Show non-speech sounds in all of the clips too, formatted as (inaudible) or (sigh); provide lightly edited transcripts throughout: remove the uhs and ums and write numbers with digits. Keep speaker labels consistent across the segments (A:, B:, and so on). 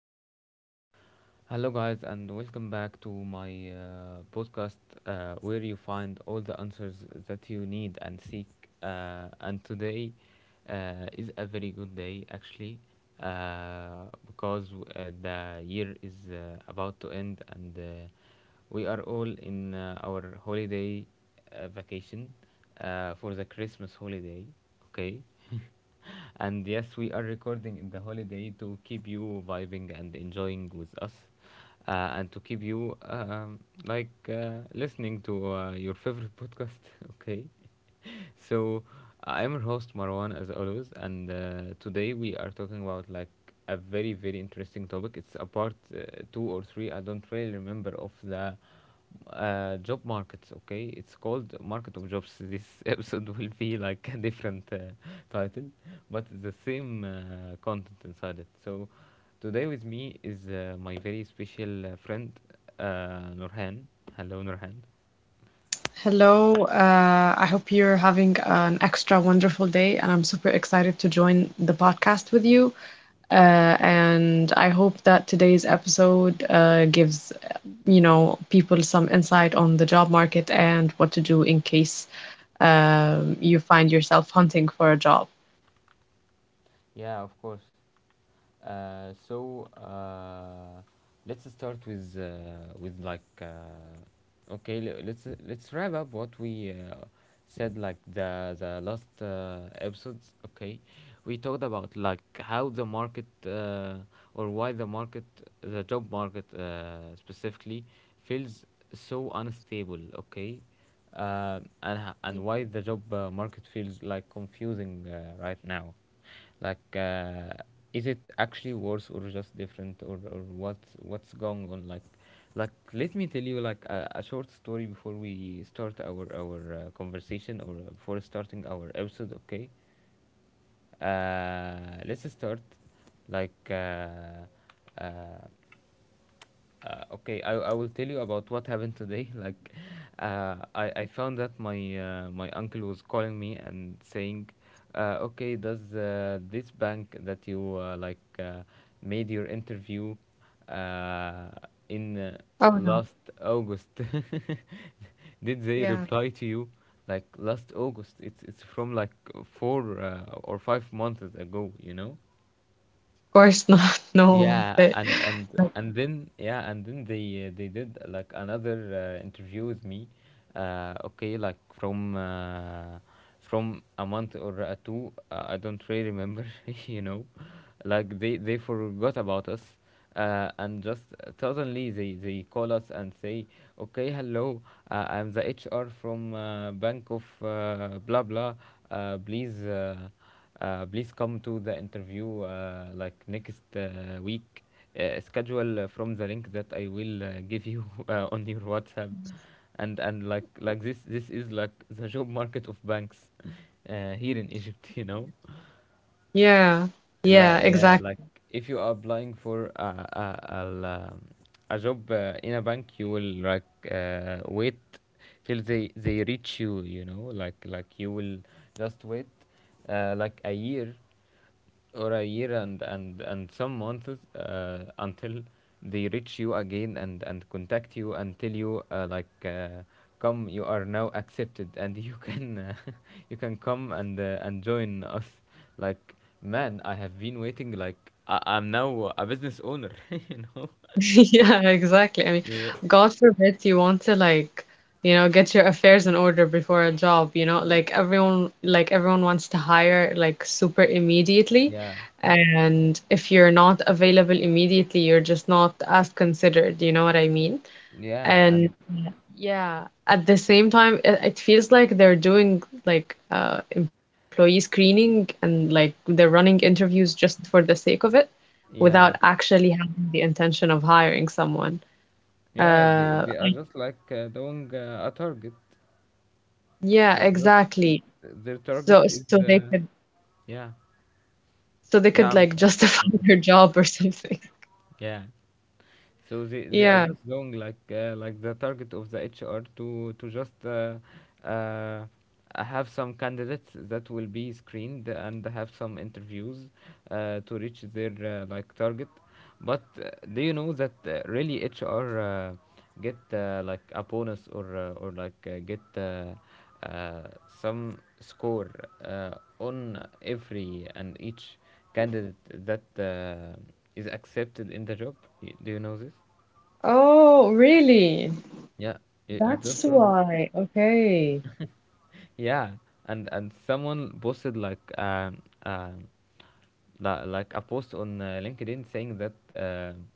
A: are live. Hello, guys, and welcome back to my podcast where you find all the answers that you need and seek. And today is a very good day, actually, because the year is about to end, and we are all in our holiday vacation for the Christmas holiday. Okay, and yes, we are recording in the holiday to keep you vibing and enjoying with us, and to keep you like listening to your favorite podcast. (laughs) Okay, so I'm your host Marwan as always, and today we are talking about like a very interesting topic. It's a part two or three. I don't really remember, of the job markets. Okay, it's called Market of Jobs. This (laughs) episode will be like a different title, but the same content inside it. So today with me is my very special friend Nurhan. Hello, Nurhan.
B: Hello, I hope you're having an extra wonderful day, and I'm super excited to join the podcast with you. And I hope that today's episode gives people some insight on the job market and what to do in case you find yourself hunting for a job.
A: Yeah, of course. Uh, so uh, let's start with with like let's wrap up what we said like the last episodes. Okay, we talked about like how the market or why the market, the job market specifically, feels so unstable. Okay, and why the job market feels like confusing right now, like is it actually worse or just different, or what's going on? Like let me tell you like a short story before we start our conversation, or before starting our episode. Okay, let's start like uh, okay, I will tell you about what happened today. (laughs) Like, I found that my my uncle was calling me and saying, okay, does this bank that you like made your interview uh, in
B: Oh no.
A: last August, (laughs) did they
B: Yeah, of
A: reply to you? Like last August, it's from like four or 5 months ago, you know.
B: course not. (laughs) No,
A: Yeah,
B: but
A: and then, yeah, and then they did like another interview with me. Okay, like from a month or two, I don't really remember, (laughs) you know, like they forgot about us, and just suddenly they call us and say, okay, hello, I'm the HR from Bank of blah blah. Uh, please. Uh, please come to the interview like next week. Schedule from the link that I will give you (laughs) on your WhatsApp, and like this is like the job market of banks here in Egypt. (laughs) You know,
B: yeah, yeah,
A: like yeah,
B: exactly.
A: like if you are applying for um, a job in a bank, you will like wait till they reach you. You know, like you will just wait like a year, or a year and some months until they reach you again and contact you and tell you like come, you are now accepted, and (laughs) you can (laughs) you can come and join us. Like, man, I have been waiting, like, I'm now a business owner. (laughs) You know,
B: (laughs) Yeah, exactly. I mean,
A: yeah,
B: God forbid you want to like get your affairs in order before a job like everyone wants to hire like super immediately.
A: yeah.
B: And if you're not available immediately, you're just not as considered, you know what I mean?
A: Yeah,
B: And
A: and
B: yeah, at the same time, it feels like they're doing like employee screening and like they're running interviews just for the sake of it without
A: yeah,
B: actually having the intention of hiring someone.
A: yeah,
B: Uh,
A: they are just like doing a target.
B: yeah,
A: Just
B: exactly.
A: their target
B: So
A: is
B: so they could
A: yeah.
B: so they
A: Yeah,
B: could
A: I'm,
B: like
A: uh,
B: justify
A: I'm
B: (laughs) their
A: listening.
B: job or something.
A: Yeah. So they are
B: Yeah.
A: just doing like the target of the HR, to just uh, I have some candidates that will be screened and have some interviews to reach their like target. But do you know that really HR get like a bonus, or or like get uh, some score on every and each candidate that is accepted in the job? Do you know this?
B: Oh, really?
A: Yeah, you
B: That's
A: don't know this?
B: why. Okay.
A: Yeah, and someone posted like li- like a post on LinkedIn saying that,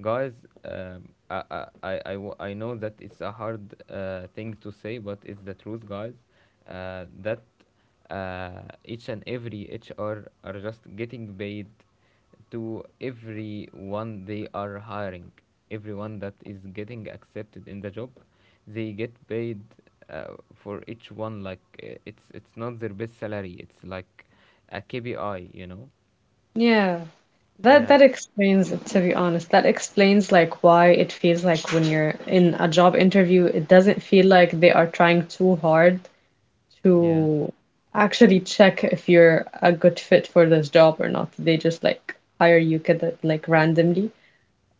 A: guys, um I, I, I know that it's a hard thing to say, but it's the truth, guys, that each and every HR are just getting paid to everyone they are hiring. Everyone that is getting accepted in the job, they get paid for each one, like it's not their best salary, it's like a KPI, you know.
B: Yeah. That
A: Yeah,
B: that explains, it, to be honest, that explains like why it feels like when you're in a job interview, it doesn't feel like they are trying too hard
A: yeah,
B: to actually check if you're a good fit for this job or not. They just like hire you kind of like randomly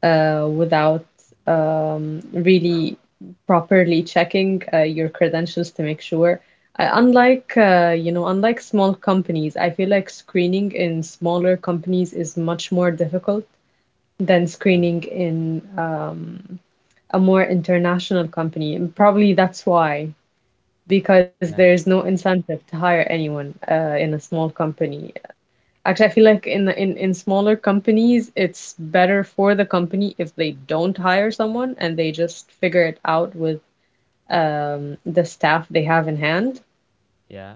B: without really properly checking your credentials to make sure. Unlike small companies, I feel like screening in smaller companies is much more difficult than screening in a more international company. And probably that's why, because there's
A: yeah,
B: no incentive to hire anyone in a small company. Actually, I feel like in in smaller companies, it's better for the company if they don't hire someone and they just figure it out with the staff they have in hand.
A: yeah,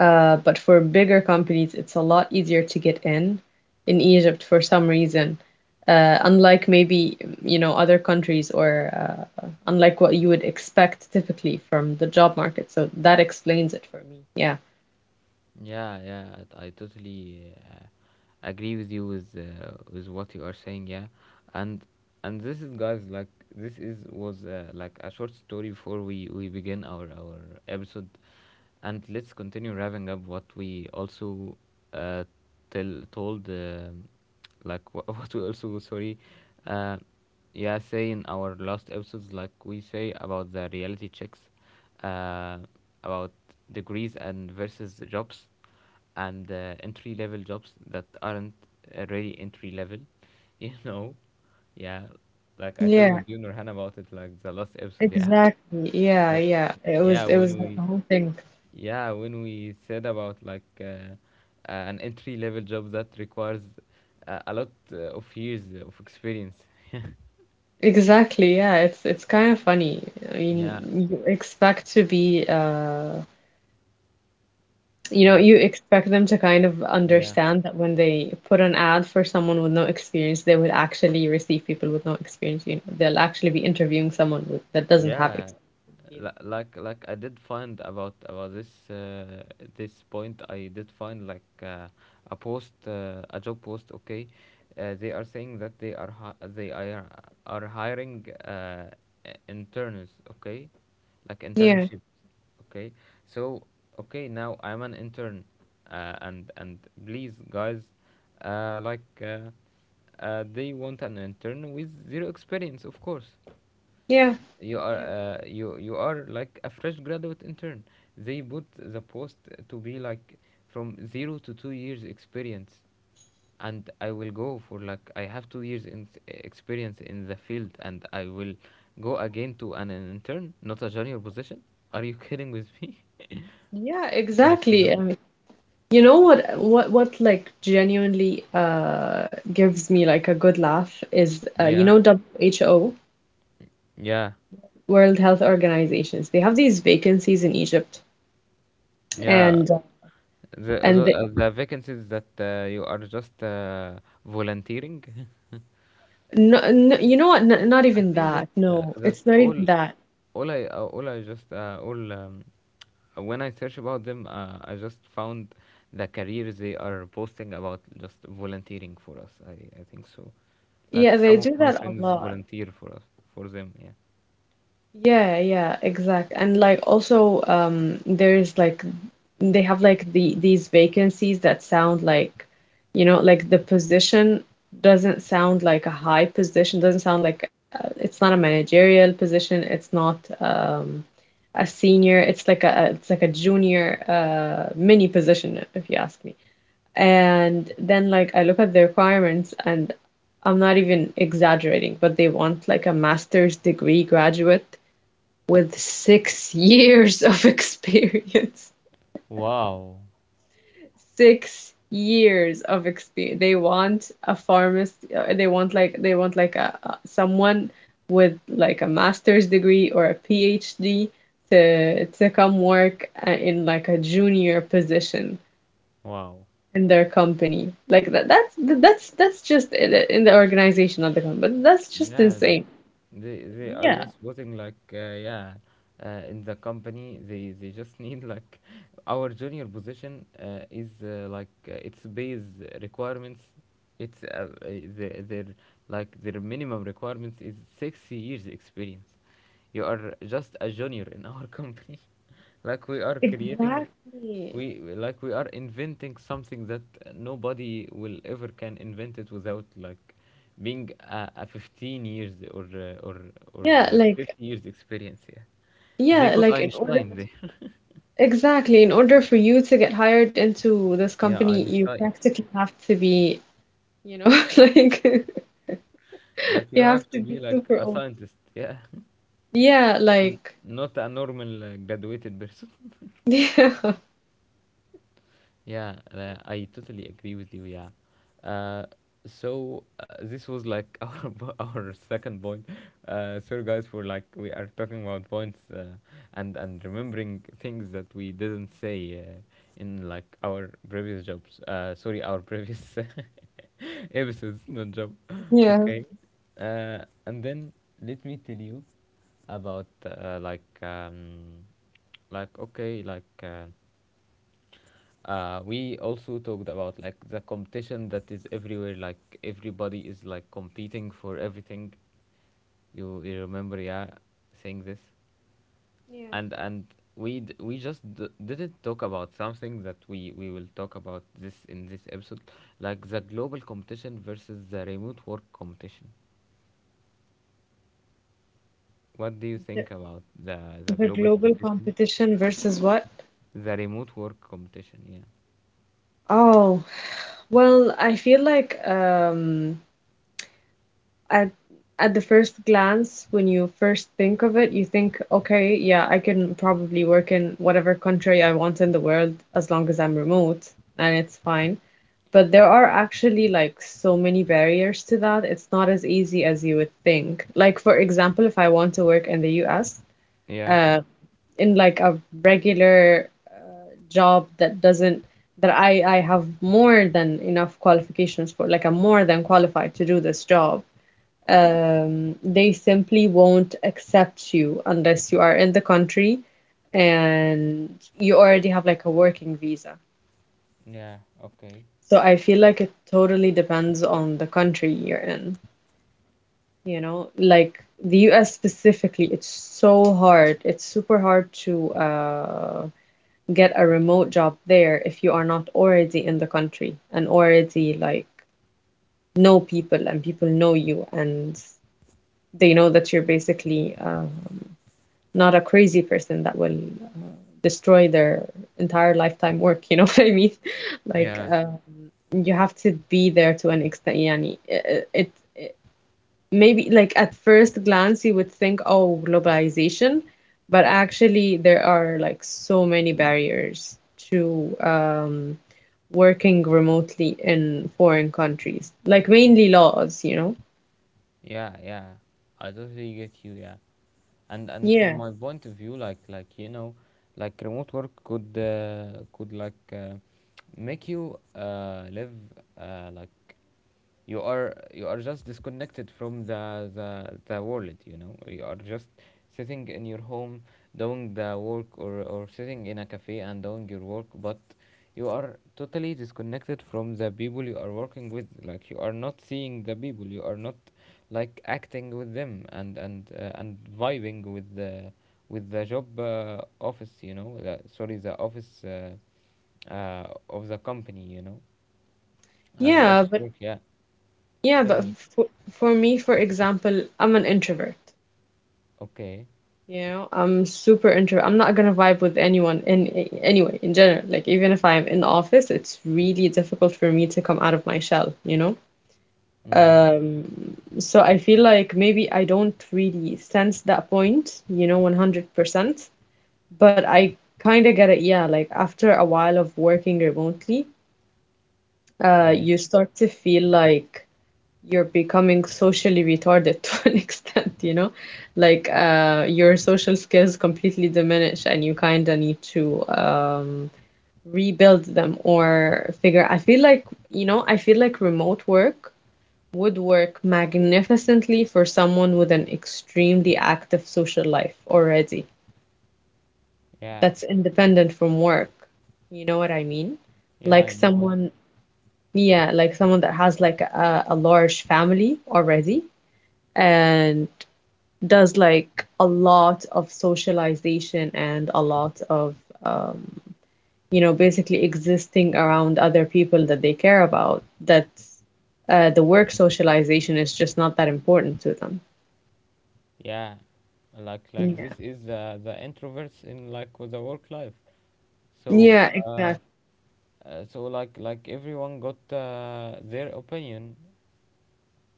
B: But for bigger companies, it's a lot easier to get in Egypt for some reason. Unlike maybe other countries or unlike what you would expect typically from the job market. So that explains it for me. Yeah.
A: yeah. Yeah, I totally agree with you with what you are saying. Yeah, and and this is, guys, like this is was like a short story before we begin our episode, and let's continue wrapping up what we also uh tell told like (laughs) what we also, sorry, uh yeah, say in our last episodes, like we say about the reality checks, uh about degrees and versus jobs, and entry level jobs that aren't really entry level, (laughs) you know. Yeah, like I talked
B: Yeah,
A: with you, Nurhan, about it like the last episode, yeah.
B: exactly. Yeah,
A: Wh-
B: yeah. It
A: yeah
B: was it
A: when
B: was like a
A: we
B: whole thing.
A: yeah, when we said about like an entry level job that requires a lot of years of experience. (laughs)
B: Exactly. Yeah, it's kind of funny. I
A: Yeah,
B: mean, you expect to be you know,
A: like
B: you expect them to kind of
A: yeah,
B: understand that when they put an ad for someone with no experience, they will actually receive people with no experience. You know, they'll actually be interviewing someone that doesn't have
A: yeah,
B: experience in the field.
A: like I did find about this this point. I did find like a post, a job post, okay, they are saying that they are are hiring interns, okay, like
B: Yeah,
A: internships, okay. So, okay, now I'm an intern, and please, guys, uh, like uh, they want an intern with zero experience, of course.
B: yeah,
A: You are
B: yeah,
A: you you are like a fresh graduate intern. They put the post to be like from 0 to 2 years experience, and I will go for like I have 2 years in experience in the field, and I will go again to an intern, not a junior position. Are you (laughs) kidding with me?
B: yeah, exactly. I mean, you know what, like genuinely gives me like a good laugh is you
A: Yeah,
B: know WHO.
A: yeah,
B: World Health Organizations. They have these vacancies in Egypt.
A: yeah.
B: and
A: The
B: and the,
A: the vacancies that you are just volunteering. (laughs)
B: no, no, you know what? N Not
A: I
B: even
A: think that
B: that. No,
A: that
B: it's not even that.
A: all I just all when I search about them, I just found the careers they are posting about, just volunteering for us. I think so. Like
B: Yeah, they
A: some of
B: do
A: my
B: that a
A: friends
B: lot.
A: volunteer for us, for them. Yeah.
B: Yeah, yeah, exact. And like also there's like they have like these vacancies that sound like, you know, like the position doesn't sound like a high position, doesn't sound like it's not a managerial position, it's not a senior, it's like a junior mini position if you ask me. And then like I look at the requirements and I'm not even exaggerating, but they want like a master's degree graduate with 6 (laughs) years of experience. (laughs)
A: Wow.
B: 6 years of experience. They want a pharmacist. They want someone with like a master's degree or a PhD to come work in like a junior position
A: Wow.
B: in their company. Like that's just in the organization of the company. But that's just
A: Yeah,
B: insane.
A: they are
B: Yeah,
A: just posting like yeah, in the company, they just (laughs) need like our junior position is like its base requirements, it's uh, uh, their like their minimum requirements is 6 years experience. You are just a junior in our (laughs) company. Like we are creating,
B: exactly.
A: like we are inventing something that nobody will ever can invent it without like being a 15 years, or or
B: Yeah,
A: like
B: like
A: 50 years experience. Yeah, they
B: yeah,
A: got
B: like in order
A: Einstein there. (laughs)
B: exactly. In order for you to get hired into this
A: Yeah,
B: company, you
A: Einstein.
B: practically have to be, you know, (laughs) like
A: Like you
B: you
A: have
B: have
A: to
B: to
A: be
B: be
A: like
B: super
A: a
B: old.
A: scientist. Yeah,
B: Yeah,
A: (laughs)
B: like
A: Not a normal graduated person.
B: (laughs) yeah,
A: Yeah, I totally agree with you. Yeah. Uh, this was like (laughs) our second point. Sorry, guys, for like we are talking about points and remembering things that we didn't say in like our previous jobs. Sorry, our previous (laughs) episodes, not job.
B: yeah.
A: Okay. And then let me tell you about like okay like. Uh, we also talked about like the competition that is everywhere, like everybody is like competing for everything. You remember, yeah, saying this.
B: Yeah.
A: And we d- we just d- didn't talk about something that we will talk about this in this episode, like the global competition versus the remote work competition. What do you
B: The,
A: think about the
B: the
A: global
B: global
A: competition?
B: competition versus what?
A: The remote work competition, yeah.
B: Oh, well, I feel like at at the first glance, when you first think of it, you think, okay, yeah, I can probably work in whatever country I want in the world as long as I'm remote and it's fine. But there are actually like so many barriers to that. It's not as easy as you would think. Like for example, if I want to work in the US,
A: Yeah,
B: uh, in like a regular job that doesn't that I have more than enough qualifications for, like I'm more than qualified to do this job. They simply won't accept you unless you are in the country and you already have like a working visa.
A: yeah, okay.
B: So I feel like it totally depends on the country you're in, you know? Like the US specifically, it's so hard. It's super hard to get a remote job there if you are not already in the country and already like know people and people know you and they know that you're basically not a crazy person that will destroy their entire lifetime work, you know (laughs) what I mean? Like
A: Yeah.
B: you have to be there to an extent, yani. It maybe like at first glance you would think, oh, globalization, but actually there are like so many barriers to working remotely in foreign countries, like mainly laws, you know?
A: Yeah, yeah, I totally get you. Yeah, and from
B: Yeah.
A: my point of view, like, you know, like remote work could like make you live like, you are, you are just disconnected from the the world, you know. You are just sitting in your home doing the work, or sitting in a cafe and doing your work, but you are totally disconnected from the people you are working with. Like, you are not seeing the people, you are not like acting with them, and vibing with the job office, you know, sorry, the office of the company, you know, like the
B: Yeah,
A: office
B: but
A: work, yeah.
B: yeah,
A: Tell
B: but
A: me.
B: for me, for example, I'm an introvert.
A: Okay.
B: You know, I'm super introvert. I'm not gonna vibe with anyone anyway, in general. Like even if I'm in office, it's really difficult for me to come out of my shell, you know?
A: Mm-hmm.
B: Um, so I feel like maybe I don't really sense that point, you know, 100%, but I kind of get it. Yeah, like after a while of working remotely,
A: Yeah.
B: you start to feel like you're becoming socially retarded (laughs) to an extent, you know, like your social skills completely diminish and you kind of need to rebuild them or figure. I feel like, remote work would work magnificently for someone with an extremely active social life already
A: Yeah.
B: that's independent from work. You know what I mean?
A: Yeah,
B: Like
A: I know it.
B: someone, yeah, like someone that has like a large family already and does like a lot of socialization and a lot of, um, basically existing around other people that they care about, that the work socialization is just not that important to them.
A: Yeah. Like
B: Yeah.
A: this is the introverts in like with the work life. So
B: Yeah, exactly.
A: so like everyone got their opinion.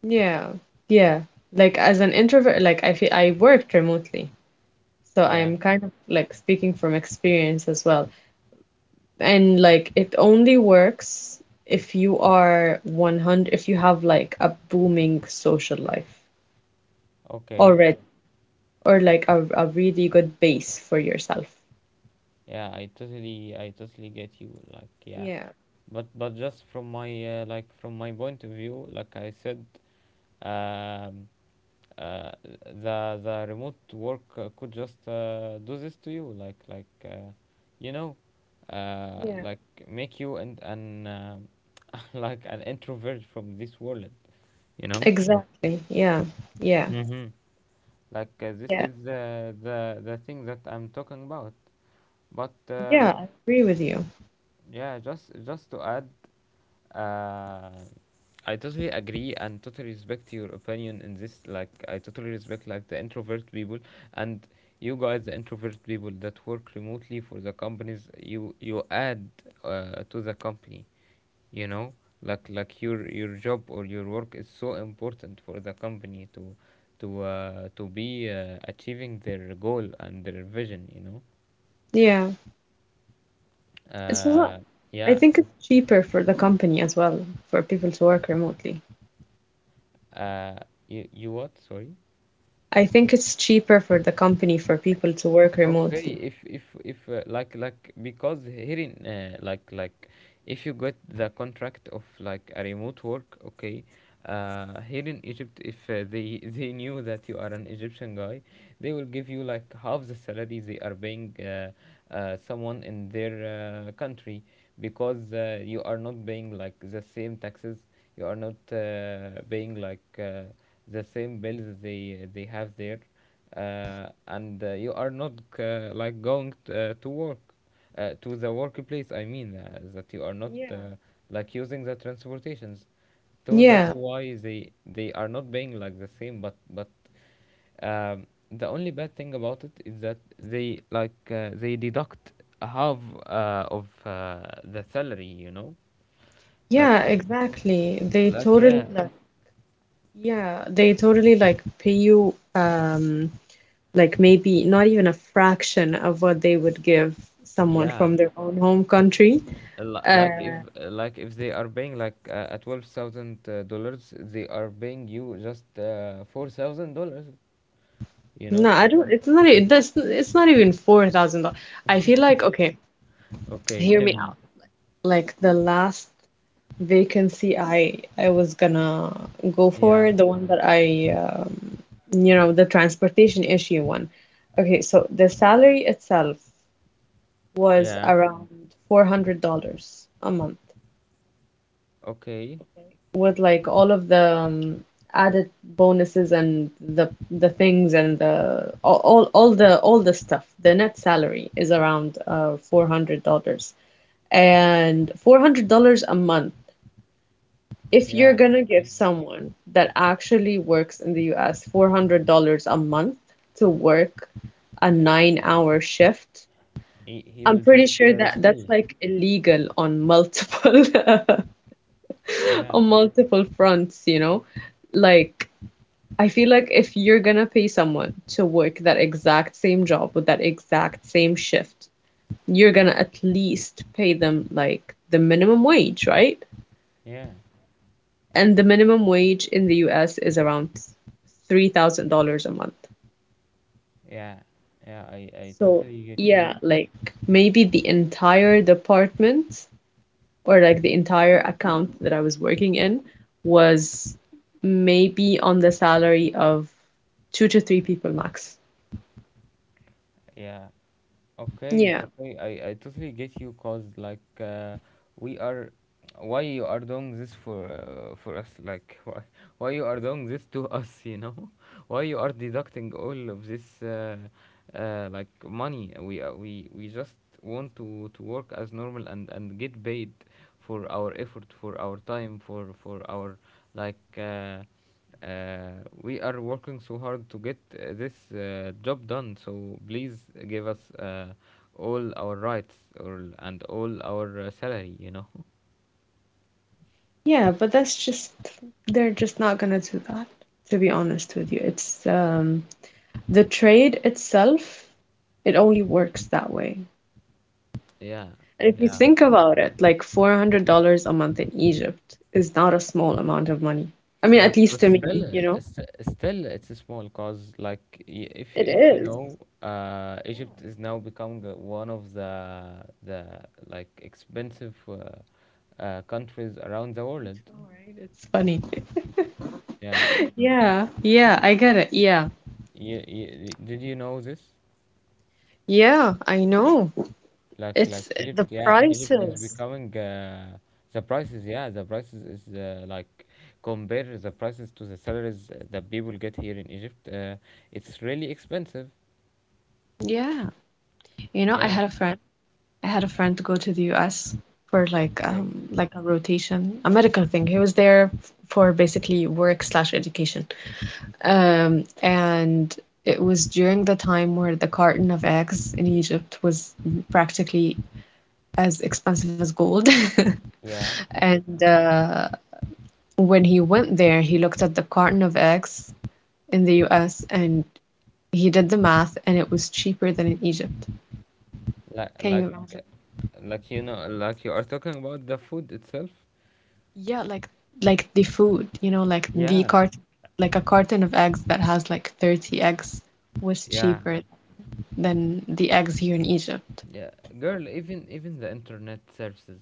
B: Yeah, yeah. Like as an introvert, like I feel I worked remotely, so
A: Yeah.
B: I'm kind of like speaking from experience as well. And like it only works if you are 100, if you have like a booming social life
A: Okay.
B: already, or like a really good base for yourself.
A: Yeah, I totally get you. Like, yeah.
B: Yeah,
A: But just from my like from my point of view, like I said, um uh, the remote work could just do this to you, like you know
B: yeah,
A: like make you and an (laughs) like an introvert from this world, you know.
B: exactly. Yeah, yeah,
A: Mm-hmm. Like, this
B: yeah,
A: is the thing that I'm talking about, but
B: yeah. I agree with you.
A: yeah, just to add. Uh, I totally agree and totally respect your opinion in this. Like, I totally respect like the introvert people, and you guys, the introvert people that work remotely for the companies. You add to the company. You know, like your job or your work is so important for the company to to be achieving their goal and their vision. You know.
B: Yeah, it's a lot.
A: Uh,
B: I
A: yeah.
B: think it's cheaper for the company as well for people to work remotely.
A: You what? Sorry.
B: I think it's cheaper for the company for people to work
A: Okay,
B: remotely.
A: if like because here in like, if you get the contract of like a remote work, okay, here in Egypt, if they (laughs) they knew that you are an Egyptian guy, they will give you like half the salary they are paying someone in their country, because you are not paying like the same taxes, you are not paying like the same bills they have there, and you are not like going to work, to the workplace, I mean, that you are not
B: Yeah.
A: like using the transportations. So that's
B: Yeah,
A: why they are not paying like the same. But but um, the only bad thing about it is that they like they deduct half of the salary. like
B: yeah, exactly.
A: like, yeah,
B: Yeah, they totally like pay you like maybe not even a fraction of what they would give someone
A: yeah.
B: from their own home country. Uh
A: Like if like if they are paying like 12,000 dollars, they are paying you just $4,000. You
B: no,
A: know.
B: I don't. It's not even $4,000. I feel like okay,
A: Okay,
B: hear
A: tell
B: me out.
A: me.
B: Like the last vacancy I was gonna go
A: Yeah,
B: for, the one that the transportation issue one. Okay, so the salary itself was
A: yeah.
B: around $400 a month
A: Okay,
B: with like all of the added bonuses and the things and the all the stuff. The net salary is around $400 and $400 a month. If you're
A: yeah.
B: gonna give
A: Okay.
B: someone that actually works in the US $400 a month to work a
A: Uh,
B: 9 hour shift,
A: He
B: I'm
A: will just
B: pretty sure that's
A: refuse.
B: like illegal on multiple (laughs)
A: Yeah,
B: on multiple fronts, you know? Like I feel like if you're gonna pay someone to work that exact same job with that exact same shift, you're gonna at least pay them like the minimum wage, right?
A: yeah,
B: And the minimum wage in the US is around $3,000 a month.
A: yeah, yeah. I
B: So,
A: totally get you.
B: yeah, like maybe the entire department or like the entire account that I was working in was maybe on the salary of two to three people max.
A: Yeah. Okay,
B: Yeah.
A: okay, I totally get you, cause like we are, why you are doing this for us, like (laughs) why you are doing this to us, you know, (laughs) why you are deducting all of this like money. We just want to work as normal and get paid for our effort, for our time, for our like uh, we are working so hard to get this job done, so please give us all our rights and all our salary, you know? (laughs)
B: Yeah, but that's just they're just not gonna do that, to be honest with you. It's the trade itself, it only works that way.
A: Yeah,
B: And if you
A: yeah.
B: think about it, like $400 a month in Egypt is not a small amount of money. I mean, at
A: But
B: least to
A: still,
B: me, you know?
A: still, it's a small, cause like
B: It
A: if you
B: is.
A: know, Egypt is now becoming one of the like expensive countries around the world.
B: All right, it's funny. (laughs)
A: Yeah,
B: Yeah, yeah, I get it. Yeah.
A: did you know this?
B: Yeah, I know.
A: Like,
B: It's
A: Egypt,
B: the
A: yeah, Egypt is
B: prices.
A: becoming, the prices, yeah, the prices is like, compare the prices to the salaries that people get here in Egypt. It's really expensive.
B: Yeah. You know, I
A: Yeah.
B: had a friend. I had a friend to go to the US for
A: Okay.
B: like a rotation, a medical thing. He was there for basically work slash education. And it was during the time where the carton of eggs in Egypt was practically as expensive as gold. (laughs)
A: Yeah. (laughs)
B: And when he went there, he looked at the carton of eggs in the US and he did the math, and it was cheaper than in Egypt.
A: Like,
B: Can you
A: like
B: imagine?
A: like you know, like you are talking about the food itself.
B: Yeah, like the food, you know,
A: Yeah.
B: like a carton of eggs that has like 30 eggs was
A: Yeah.
B: cheaper than the eggs here in Egypt.
A: Yeah. Girl, even, even the internet services,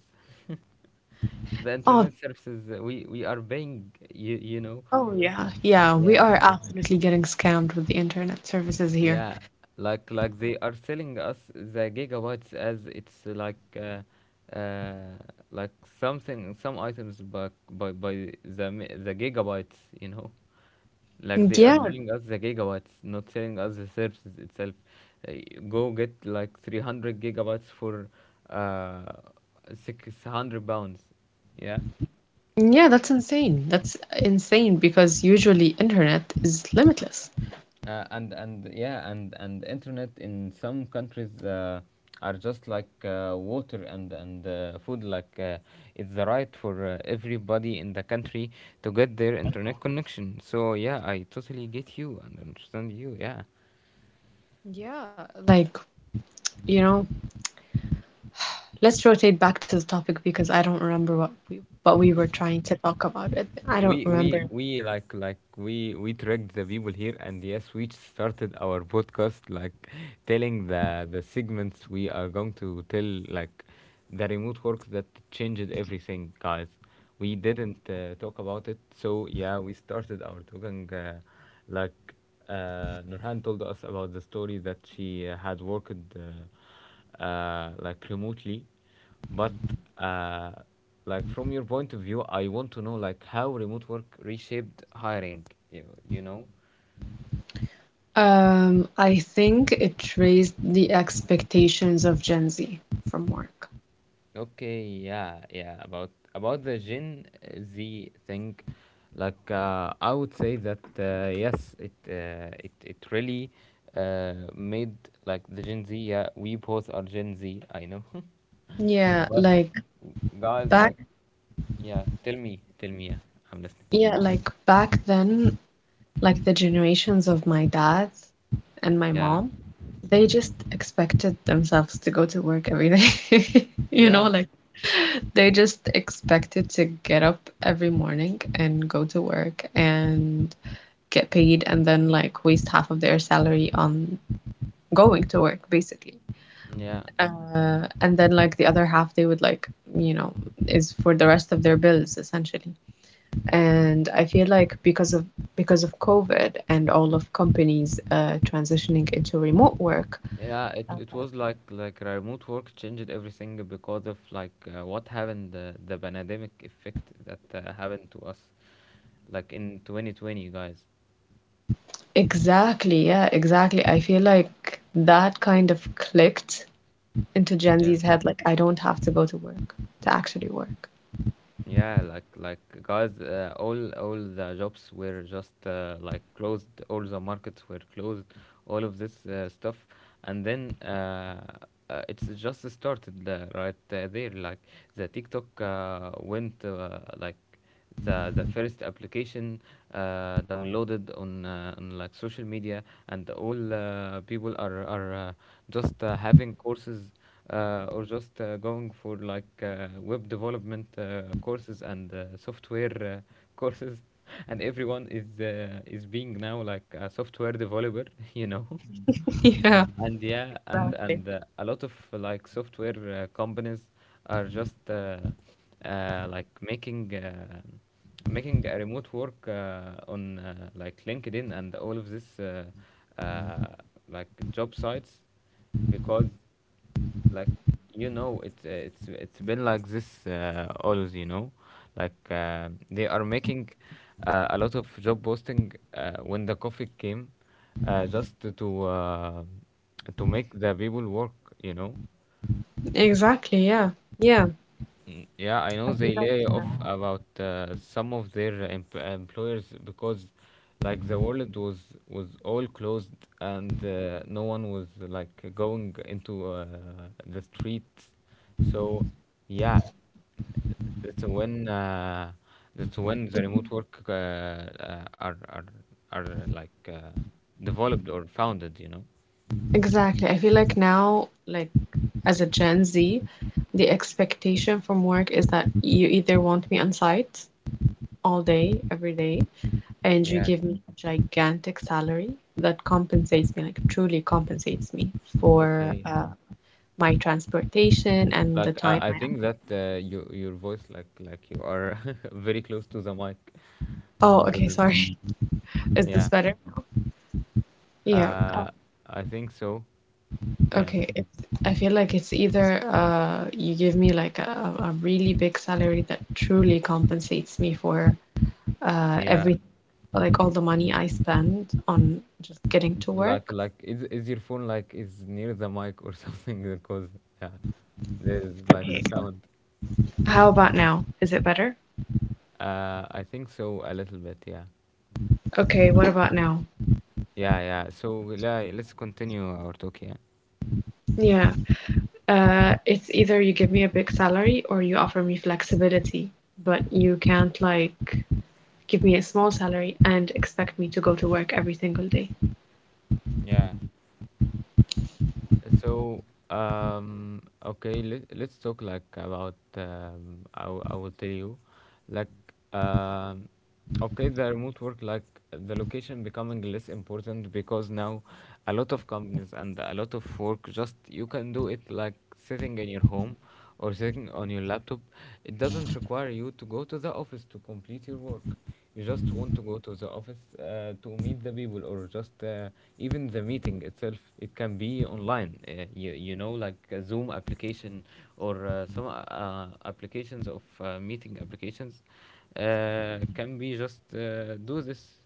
A: (laughs) the
B: Oh,
A: internet services, we are paying. You know.
B: Oh, yeah, yeah, we
A: Yeah.
B: are absolutely getting scammed with the internet services here.
A: Yeah, like they are selling us the gigabytes as it's uh, like something, some items, but by the gigabytes, you know. Like,
B: And
A: they are
B: yeah,
A: selling us the gigabytes, not selling us the services itself. Uh, go get like 300 gigabytes for uh 600 pounds. Yeah.
B: yeah, that's insane. That's insane because usually internet is limitless.
A: And yeah and internet in some countries are just like water and food, like it's the right for everybody in the country to get their internet connection. So yeah, I totally get you and understand you. Yeah,
B: Yeahyou know, let's rotate back to the topic because I don't remember what we were trying to talk about it. I don't
A: we
B: remember.
A: we we like we tracked the people here, and yes, we started our podcast like, telling the segments we are going to tell, like, the remote work that changed everything, guys. We didn't talk about it. So yeah, we started our talking, like Nurhan told us about the story that she had worked like remotely. But uh, like from your point of view, I want to know like how remote work reshaped hiring. You know?
B: I think it raised the expectations of Gen Z from work.
A: Okay, yeah, yeah. About the Gen Z thing, like, I would say that yes, it it really made like the Gen Z. Yeah, we both are Gen Z. I know.
B: Yeah,
A: (laughs) But
B: like
A: guys,
B: back,
A: like, yeah, tell me, tell me. Yeah, I'm listening.
B: yeah, like back then, like the generations of my dad and my
A: Yeah,
B: mom, they just expected themselves to go to work every day. (laughs) You know, like they just expected to get up every morning and go to work and get paid and then like waste half of their salary on going to work basically.
A: yeah.
B: And then like the other half they would like, you know, is for the rest of their bills essentially. And I feel like because of COVID and all of companies transitioning into remote work,
A: Yeah, it was like, remote work changed everything because of like what happened, the pandemic effect that happened to us, like in 2020, guys.
B: exactly, yeah, exactly. I feel like that kind of clicked into Gen
A: Yeah.
B: Z's head, like I don't have to go to work to actually work.
A: Yeah, like, guys, all the jobs were just like closed. All the markets were closed. All of this stuff, and then it's just started right there. Like, the TikTok went like the first application downloaded on like social media, and all people are just having courses, or just going for like web development courses and software (laughs) courses, and everyone is being now like a software developer (laughs) you know.
B: (laughs) Yeah,
A: And yeah, and a lot of like software companies are just like making, making a remote work on like LinkedIn and all of this uh, like job sites, because, like, you know, it's it's been like this always, you know, like, they are making a lot of job posting when the COVID came, just to make the people work, you know.
B: exactly. Yeah, yeah.
A: Mm, yeah, I know
B: I
A: they
B: feel like
A: lay
B: yeah.
A: off about some of their employers, because, like, the world was all closed, and no one was like going into the streets. So, yeah, that's when uh, that's when the remote work are like developed or founded, you know?
B: Exactly. I feel like now, like as a Gen Z, the expectation from work is that you either want me on site all day, every day, and you
A: Yeah.
B: give me a gigantic salary that compensates me, like truly compensates me for
A: Okay.
B: my transportation and the
A: Like,
B: time
A: I
B: I am.
A: think that you, your voice, like you are (laughs) very close to the mic.
B: Oh, okay,
A: Even,
B: sorry. (laughs) Is
A: yeah,
B: this better? Yeah,
A: uh, I think so. Yeah,
B: okay. I feel like it's either you give me like a really big salary that truly compensates me for
A: yeah.
B: every like all the money I spend on just getting to
A: Like
B: work.
A: like is your phone like is near the mic or (laughs) something? Because, yeah, there's like a
B: Okay.
A: sound.
B: How about now? Is it better?
A: I think so, a little bit. Yeah,
B: Okay, what about now?
A: yeah, yeah. So yeah, let's continue our talk. Yeah,
B: Yeah, it's either you give me a big salary or you offer me flexibility, but you can't like give me a small salary and expect me to go to work every single day.
A: yeah. So, okay, let's talk like about, I will tell you, like, um, okay, the remote work, like, the location becoming less important, because now a lot of companies and a lot of work, just, you can do it like sitting in your home or sitting on your laptop. It doesn't require you to go to the office to complete your work. You just want to go to the office to meet the people, or just even the meeting itself, it can be online, you, you know, like a Zoom application, or some applications of meeting applications can be just do this,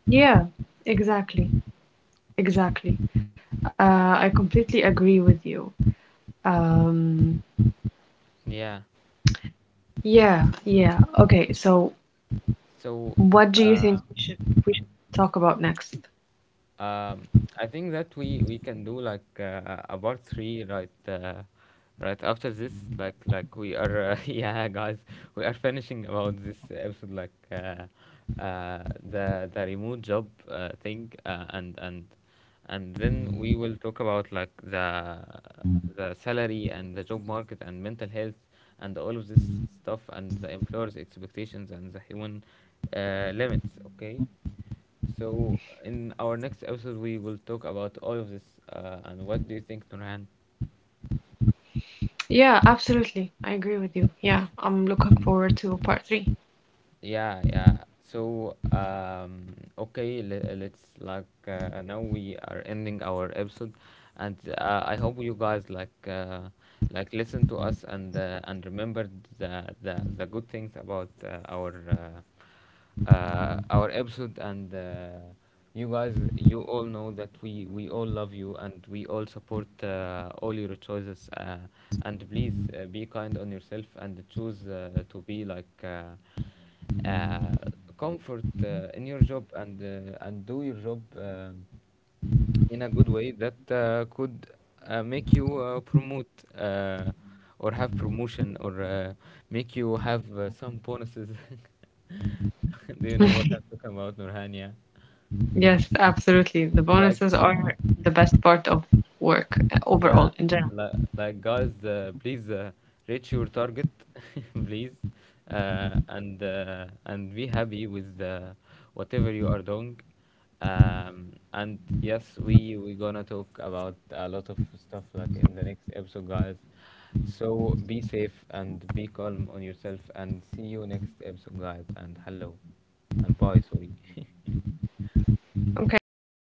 B: Yeah, exactly. Exactly. Uh, I completely agree with you. Um,
A: yeah.
B: yeah, yeah. Okay, so
A: So
B: what do you think
A: uh,
B: we should talk about next?
A: Um, I think that we can do like a part three right right after this. Like we are, (laughs) yeah guys, we are finishing about this episode, like, the remote job thing, and and then we will talk about like the salary and the job market and mental health and all of this stuff, and the employer's expectations and the human limits. Okay. So, in our next episode, we will talk about all of this. And what do you think, Nurhan?
B: Yeah, absolutely. I agree with you. Yeah, I'm looking forward to part three.
A: Yeah, yeah. So, okay, let's like, now we are ending our episode, and I hope you guys like listen to us, and remember the good things about our. Our episode, and you guys, you all know that we all love you, and we all support all your choices, and please be kind on yourself and choose to be like uh, comfort in your job, and do your job in a good way that could make you promote, uh, or have promotion, or make you have some bonuses. (laughs) Do you know what
B: (laughs)
A: I'm talking about, Nurhania?
B: Yes, absolutely. The
A: Like,
B: bonuses are the best part of work
A: yeah,
B: overall in general.
A: like, guys, please reach your target, (laughs) please, and be happy with whatever you are doing. And yes, we gonna talk about a lot of stuff like in the next episode, guys. So be safe and be calm on yourself, and see you next episode, guys. And hello, and bye. Sorry. (laughs)
B: Okay, bye.